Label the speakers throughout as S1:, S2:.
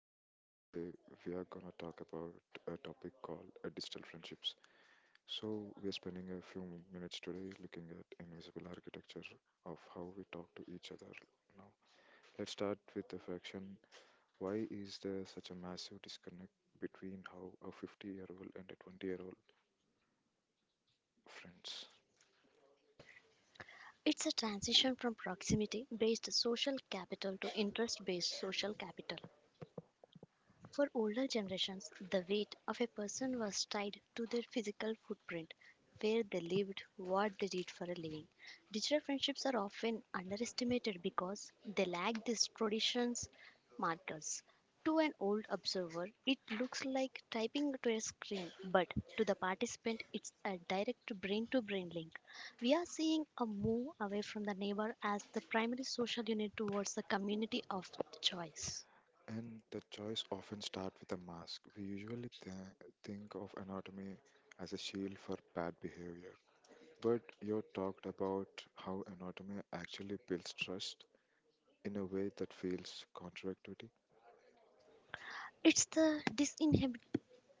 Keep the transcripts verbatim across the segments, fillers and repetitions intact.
S1: podcast. Today we are gonna talk about a topic called uh, digital friendships. So we are spending a few minutes today looking at invisible architecture of how we talk to each other. Now let's start with the fraction. Why is there such a massive disconnect between how a fifty-year-old and a twenty-year-old friends?
S2: It's a transition from proximity based social capital to interest based social capital. For older generations, the weight of a person was tied to their physical footprint, where they lived, what they did for a living. Digital friendships are often underestimated because they lack these traditions markers. To an old observer, it looks like typing to a screen, but to the participant, it's a direct brain to brain link. We are seeing a move away from the neighbor as the primary social unit towards the community of choice.
S1: And the choice often start with a mask. We usually th- think of anatomy as a shield for bad behavior. But you talked about how anatomy actually builds trust in a way that feels contradictory.
S2: It's the disinhibition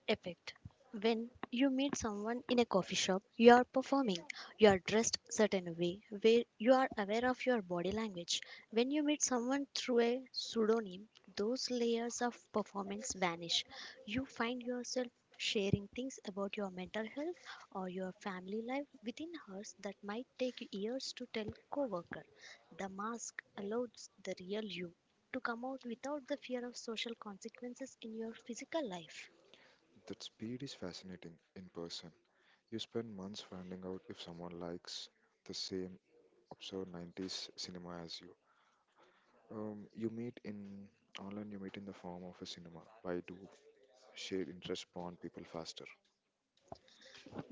S2: effect. When you meet someone in a coffee shop, you are performing. You are dressed certain way where you are aware of your body language. When you meet someone through a pseudonym, those layers of performance vanish. You find yourself sharing things about your mental health or your family life within hours that might take years to tell coworker. The mask allows the real you to come out without the fear of social consequences in your physical life.
S1: That speed is fascinating in person. You spend months finding out if someone likes the same absurd nineties cinema as you. Um, you meet in online, you meet in the form of a cinema. Why do shared interests bond people faster?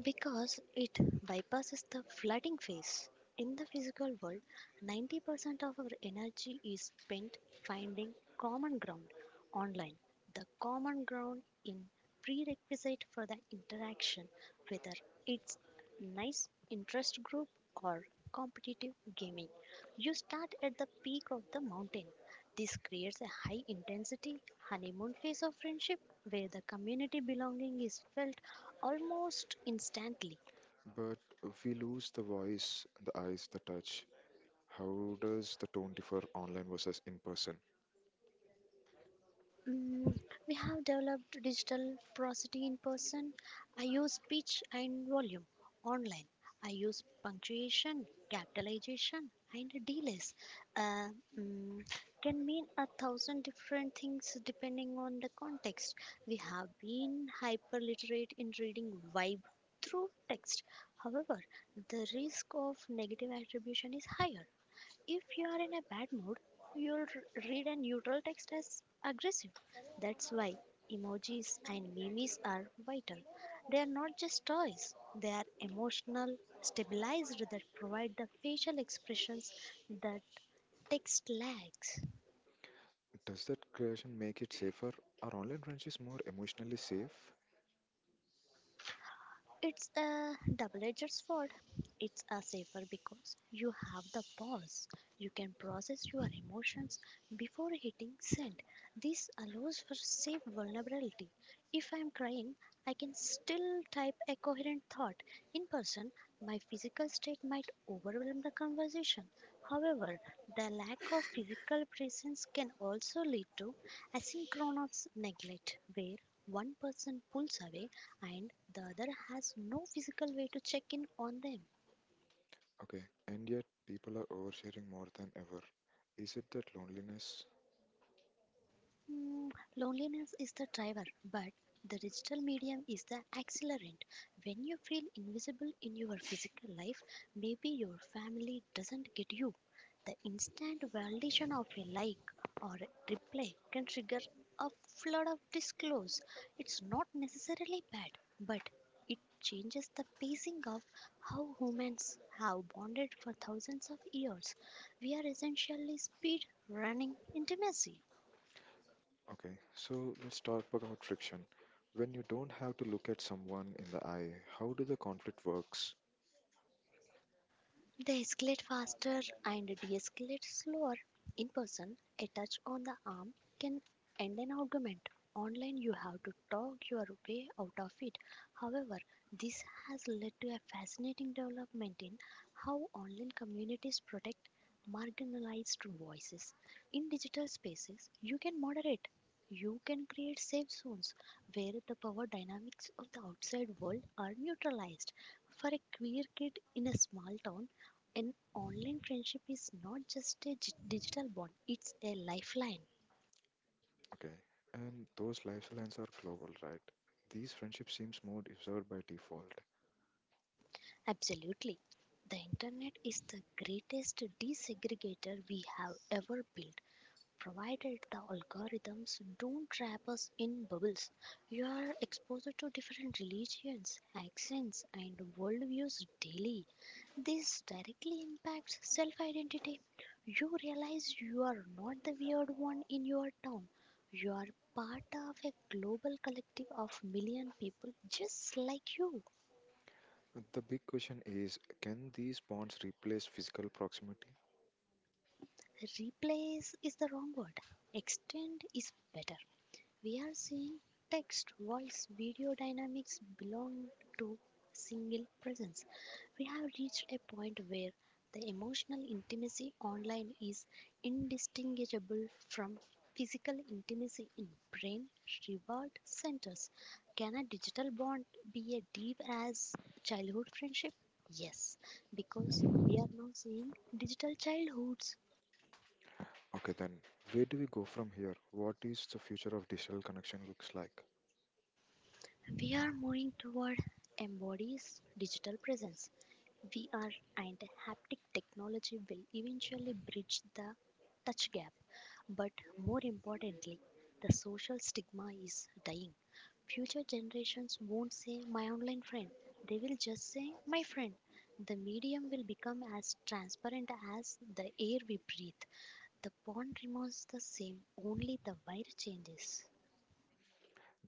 S2: Because it bypasses the flooding phase. In the physical world, ninety percent of our energy is spent finding common ground online. The common ground in prerequisite for the interaction, whether it's nice interest group or competitive gaming. You start at the peak of the mountain, this creates a high intensity honeymoon phase of friendship where the community belonging is felt almost instantly.
S1: But we lose the voice, the eyes, the touch, how does the tone differ online versus in person?
S2: Mm, we have developed digital prosody in person. I use pitch and volume. Online, I use punctuation, capitalization, and delays. Uh, mm, can mean a thousand different things depending on the context. We have been hyperliterate in reading vibe through text. However, the risk of negative attribution is higher. If you are in a bad mood, you'll r- read a neutral text as aggressive. That's why emojis and memes are vital. They are not just toys, they are emotional stabilizers that provide the facial expressions that text lacks.
S1: Does that creation make it safer? Are online friendships more emotionally safe?
S2: It's a double edged sword. It's a safer because you have the pause. You can process your emotions before hitting send. This allows for safe vulnerability. If I'm crying, I can still type a coherent thought. In person, my physical state might overwhelm the conversation. However, the lack of physical presence can also lead to asynchronous neglect, where one person pulls away and the other has no physical way to check in on them.
S1: Okay, and yet people are oversharing more than ever. Is it that loneliness?
S2: Mm, Loneliness is the driver, but the digital medium is the accelerant. When you feel invisible in your physical life, maybe your family doesn't get you. The instant validation of a like or a reply can trigger a flood of disclose. It's not necessarily bad, but it changes the pacing of how humans have bonded for thousands of years. We are essentially speed running intimacy.
S1: Okay, so let's talk about friction. When you don't have to look at someone in the eye, how do the conflict works?
S2: They escalate faster and de escalate slower. In person, a touch on the arm can end an argument. Online, you have to talk your way out of it. However, this has led to a fascinating development in how online communities protect marginalized voices. In digital spaces, you can moderate. You can create safe zones where the power dynamics of the outside world are neutralized. For a queer kid in a small town, an online friendship is not just a gi- digital bond, it's a lifeline.
S1: Okay, and those lifelines are global, right? These friendships seems more deserved by default.
S2: Absolutely. The internet is the greatest desegregator we have ever built, provided the algorithms don't trap us in bubbles. You are exposed to different religions, accents, and worldviews daily. This directly impacts self identity. You realize you are not the weird one in your town. You are part of a global collective of million people just like you.
S1: The big question is, can these bonds replace physical proximity?
S2: Replace is the wrong word. Extend is better. We are seeing text, voice, video dynamics belong to single presence. We have reached a point where the emotional intimacy online is indistinguishable from physical intimacy in brain reward centers. Can a digital bond be as deep as childhood friendship? Yes, because we are now seeing digital childhoods.
S1: Okay, then where do we go from here? What is the future of digital connection looks like?
S2: We are moving toward embodies digital presence. V R and haptic technology will eventually bridge the touch gap, but more importantly, the social stigma is dying. Future generations won't say my online friend, they will just say my friend. The medium will become as transparent as the air we breathe. The pond remains the same, only the wire changes.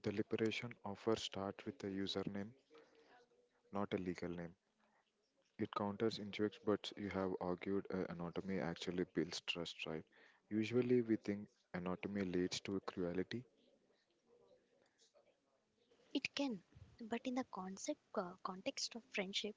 S1: The liberation offer starts with a username, not a legal name. It counters injects, but you have argued uh, anatomy actually builds trust, right? Usually we think anatomy leads to cruelty.
S2: It can, but in the concept uh, context of friendship,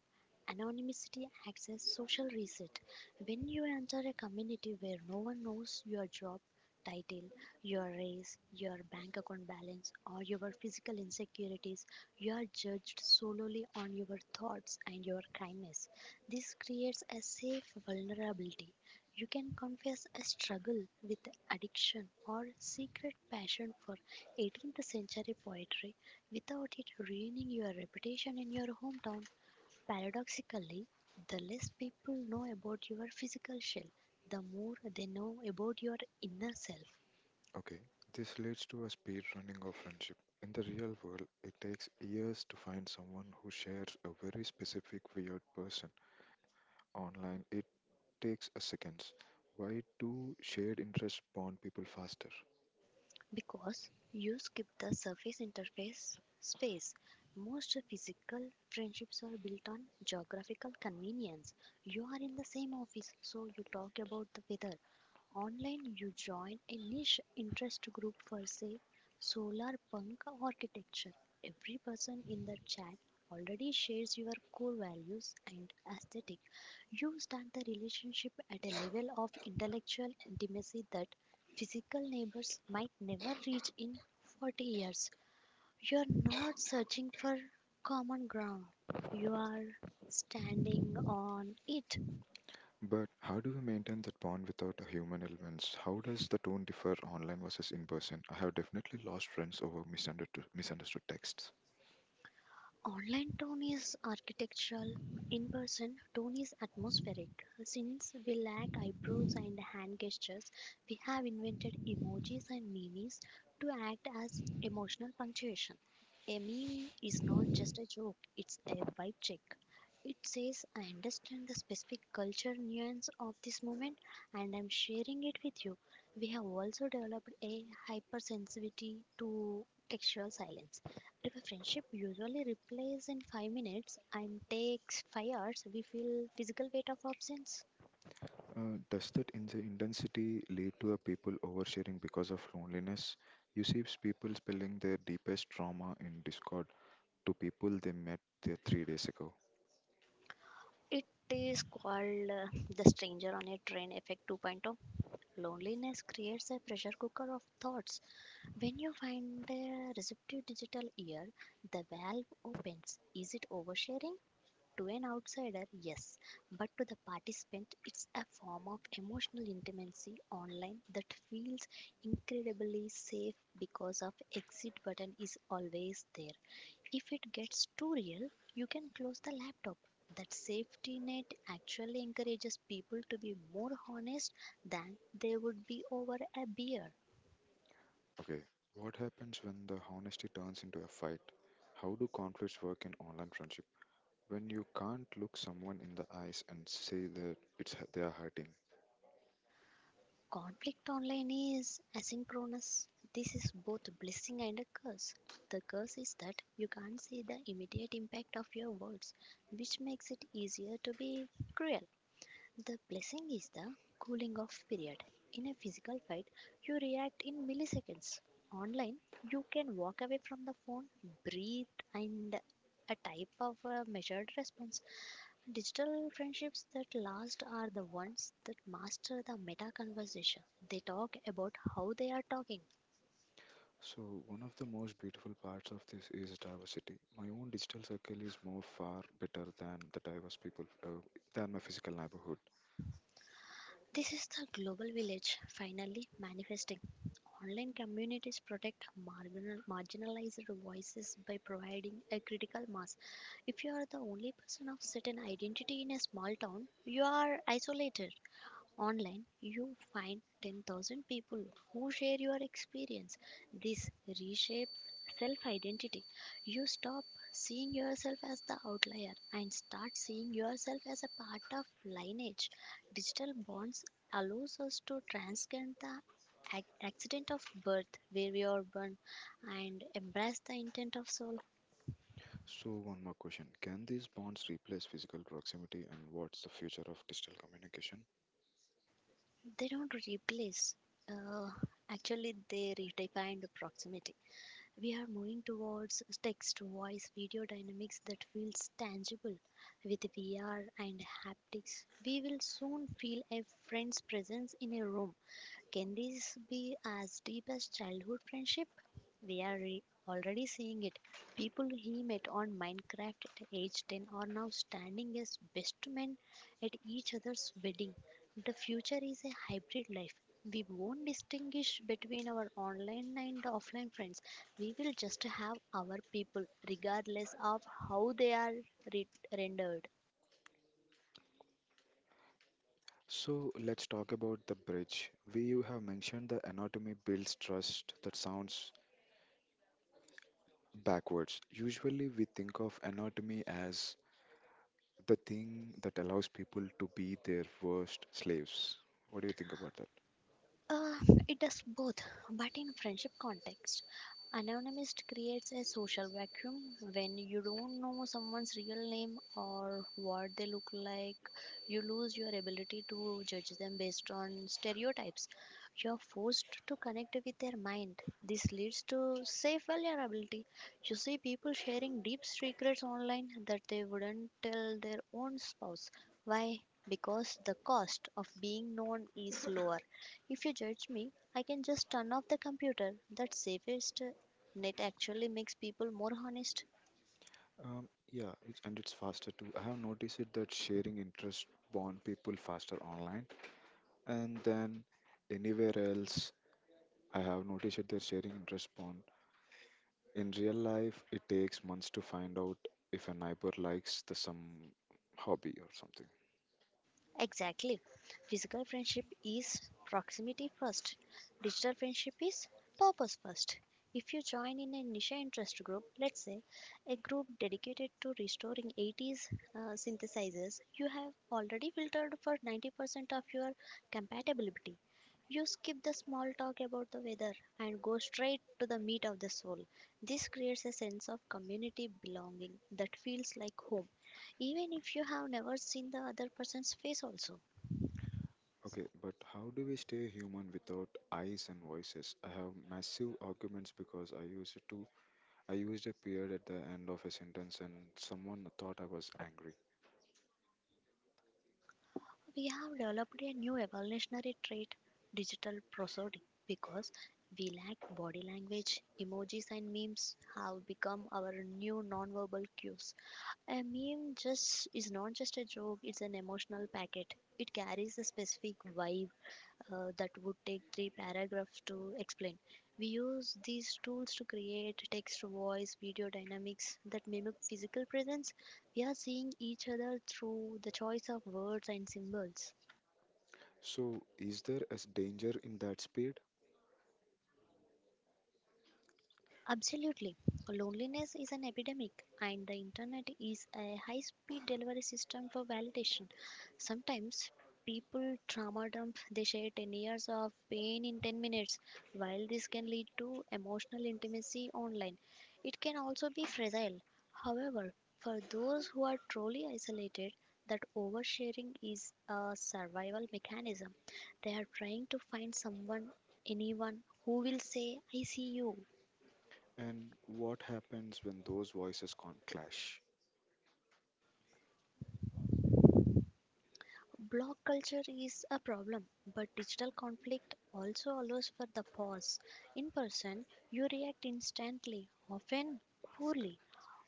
S2: anonymity acts as social reset. When you enter a community where no one knows your job title, your race, your bank account balance, or your physical insecurities, you are judged solely on your thoughts and your kindness. This creates a safe vulnerability. You can confess a struggle with addiction or secret passion for eighteenth century poetry without it ruining your reputation in your hometown. Paradoxically, the less people know about your physical shell, the more they know about your inner self.
S1: Okay, this leads to a speed running of friendship. In the real world, it takes years to find someone who shares a very specific weird person. Online, it takes a seconds. Why do shared interests bond people faster?
S2: Because you skip the surface interface space. Most physical friendships are built on geographical convenience. You are in the same office, so you talk about the weather. Online, you join a niche interest group for, say, solar punk architecture. Every person in the chat already shares your core values and aesthetic. You start the relationship at a level of intellectual intimacy that physical neighbors might never reach in forty years. You are not searching for common ground, you are standing on it.
S1: But how do we maintain that bond without a human elements? How does the tone differ online versus in person? I have definitely lost friends over misunderstood, misunderstood texts.
S2: Online tone is architectural, in person tone is atmospheric. Since we lack eyebrows and hand gestures, we have invented emojis and memes to act as emotional punctuation. A meme is not just a joke, it's a vibe check. It says, I understand the specific culture nuance of this moment and I'm sharing it with you. We have also developed a hypersensitivity to textual silence. A friendship usually replies in five minutes and takes five hours. We feel physical weight of absence.
S1: Uh, does that in the intensity lead to a people oversharing because of loneliness? You see people spilling their deepest trauma in Discord to people they met there three days ago.
S2: It is called uh, the stranger on a train effect 2.0. Loneliness creates a pressure cooker of thoughts. When you find a receptive digital ear, the valve opens. Is it oversharing? To an outsider, yes, but to the participant, it's a form of emotional intimacy online that feels incredibly safe because of exit button is always there. If it gets too real, you can close the laptop. That safety net actually encourages people to be more honest than they would be over a beer.
S1: Okay, what happens when the honesty turns into a fight? How do conflicts work in online friendships? When you can't look someone in the eyes and say that it's hu- they are hurting.
S2: Conflict online is asynchronous. This is both a blessing and a curse. The curse is that you can't see the immediate impact of your words, which makes it easier to be cruel. The blessing is the cooling off period. In a physical fight, you react in milliseconds. Online, you can walk away from the phone, breathe, and a type of uh, measured response. Digital friendships that last are the ones that master the meta conversation. They talk about how they are talking.
S1: So one of the most beautiful parts of this is diversity, my own digital circle is more far better than the diverse people uh, than my physical neighborhood.
S2: This is the global village finally manifesting. Online communities protect marginal, marginalized voices by providing a critical mass. If you are the only person of certain identity in a small town, you are isolated. Online, you find ten thousand people who share your experience. This reshapes self identity. You stop seeing yourself as the outlier and start seeing yourself as a part of lineage. Digital bonds allows us to transcend the ac- accident of birth where we are born and embrace the intent of soul.
S1: So one more question, can these bonds replace physical proximity and what's the future of digital communication?
S2: They don't replace, uh, actually they redefined proximity. We are moving towards text to voice video dynamics that feels tangible. With V R and haptics, we will soon feel a friend's presence in a room. Can this be as deep as childhood friendship? We are re- already seeing it. People he met on Minecraft at age ten are now standing as best men at each other's wedding. The future is a hybrid life. We won't distinguish between our online and offline friends. We will just have our people, regardless of how they are re- rendered.
S1: So let's talk about the bridge, we you have mentioned the anatomy builds trust, that sounds backwards. Usually we think of anatomy as the thing that allows people to be their worst slaves. What do you think about that?
S2: Uh, it does both, but in friendship context, anonymous creates a social vacuum. When you don't know someone's real name or what they look like, you lose your ability to judge them based on stereotypes. You're forced to connect with their mind. This leads to safe vulnerability. You see people sharing deep secrets online that they wouldn't tell their own spouse. Why? Because the cost of being known is lower. If you judge me, I can just turn off the computer. That safest net actually makes people more honest.
S1: Um, yeah, it's, and it's faster too. I have noticed it that sharing interest bond people faster online, and then anywhere else, I have noticed it that sharing interest bond. In real life, it takes months to find out if a neighbor likes the some hobby or something.
S2: Exactly. Physical friendship is proximity first. Digital friendship is purpose first. If you join in a niche interest group, let's say a group dedicated to restoring eighties uh, synthesizers, you have already filtered for ninety percent of your compatibility. You skip the small talk about the weather and go straight to the meat of the soul. This creates a sense of community belonging that feels like home even if you have never seen the other person's face also.
S1: Okay, but how do we stay human without eyes and voices? I have massive arguments because I use it to I used a period at the end of a sentence and someone thought I was angry.
S2: We have developed a new evolutionary trait, digital prosody, because we lack body language. Emojis and memes have become our new nonverbal cues. A meme just is not just a joke, it's an emotional packet. It carries a specific vibe uh, that would take three paragraphs to explain. We use these tools to create text, voice, video dynamics that mimic physical presence. We are seeing each other through the choice of words and symbols.
S1: So, is there a s- danger in that speed?
S2: Absolutely. Loneliness is an epidemic, and the internet is a high speed delivery system for validation. Sometimes people trauma dump, they share ten years of pain in ten minutes. While this can lead to emotional intimacy online, it can also be fragile. However, for those who are truly isolated, that oversharing is a survival mechanism. They are trying to find someone, anyone, who will say, I see you.
S1: And what happens when those voices con- clash?
S2: Block culture is a problem, but digital conflict also allows for the pause. In person, you react instantly, often poorly.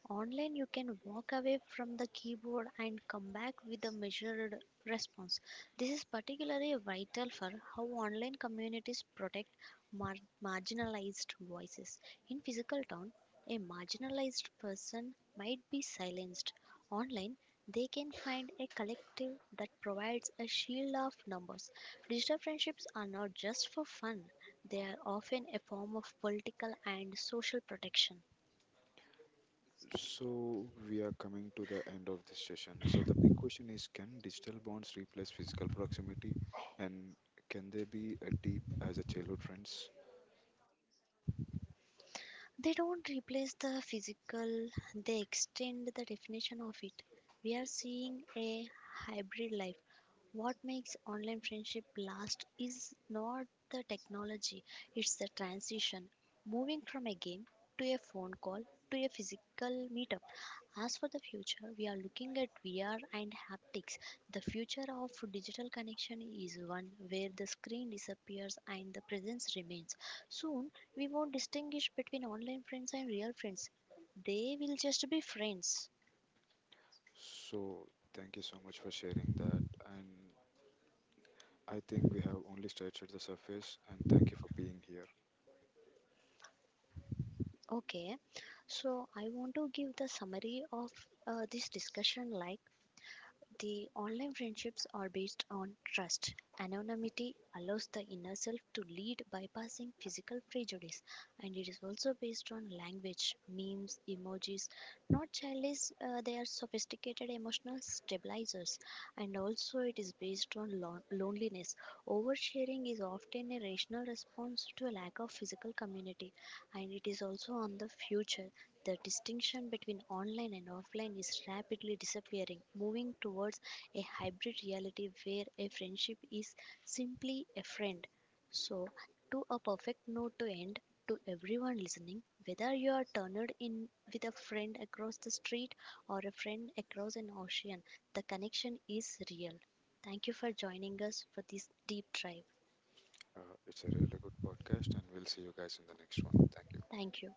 S2: Online, you can walk away from the keyboard and come back with a measured response. This is particularly vital for how online communities protect mar- marginalized voices. In physical town, a marginalized person might be silenced. Online, they can find a collective that provides a shield of numbers. Digital friendships are not just for fun, they are often a form of political and social protection.
S1: So, we are coming to the end of this session. So, the big question is can digital bonds replace physical proximity? And can they be as deep as a childhood friends?
S2: They don't replace the physical, they extend the definition of it. We are seeing a hybrid life. What makes online friendship last is not the technology, it's the transition. Moving from a game to a phone call to a physical meetup. As for the future, we are looking at V R and haptics. The future of digital connection is one where the screen disappears and the presence remains. Soon, we won't distinguish between online friends and real friends. They will just be friends.
S1: So, thank you so much for sharing that. And I think we have only scratched the surface, and thank you for being here.
S2: Okay, so I want to give the summary of uh, this discussion like. The online friendships are based on trust. Anonymity allows the inner self to lead, bypassing physical prejudice, and it is also based on language, memes, emojis. Not childish, uh, they are sophisticated emotional stabilizers, and also it is based on lon- loneliness. Oversharing is often a rational response to a lack of physical community, and it is also on the future. The distinction between online and offline is rapidly disappearing, moving towards a hybrid reality where a friendship is simply a friend. So, to a perfect note to end, to everyone listening, whether you are turned in with a friend across the street or a friend across an ocean, the connection is real. Thank you for joining us for this deep dive.
S1: Uh, it's a really good podcast, and we'll see you guys in the next one. Thank you.
S2: Thank you.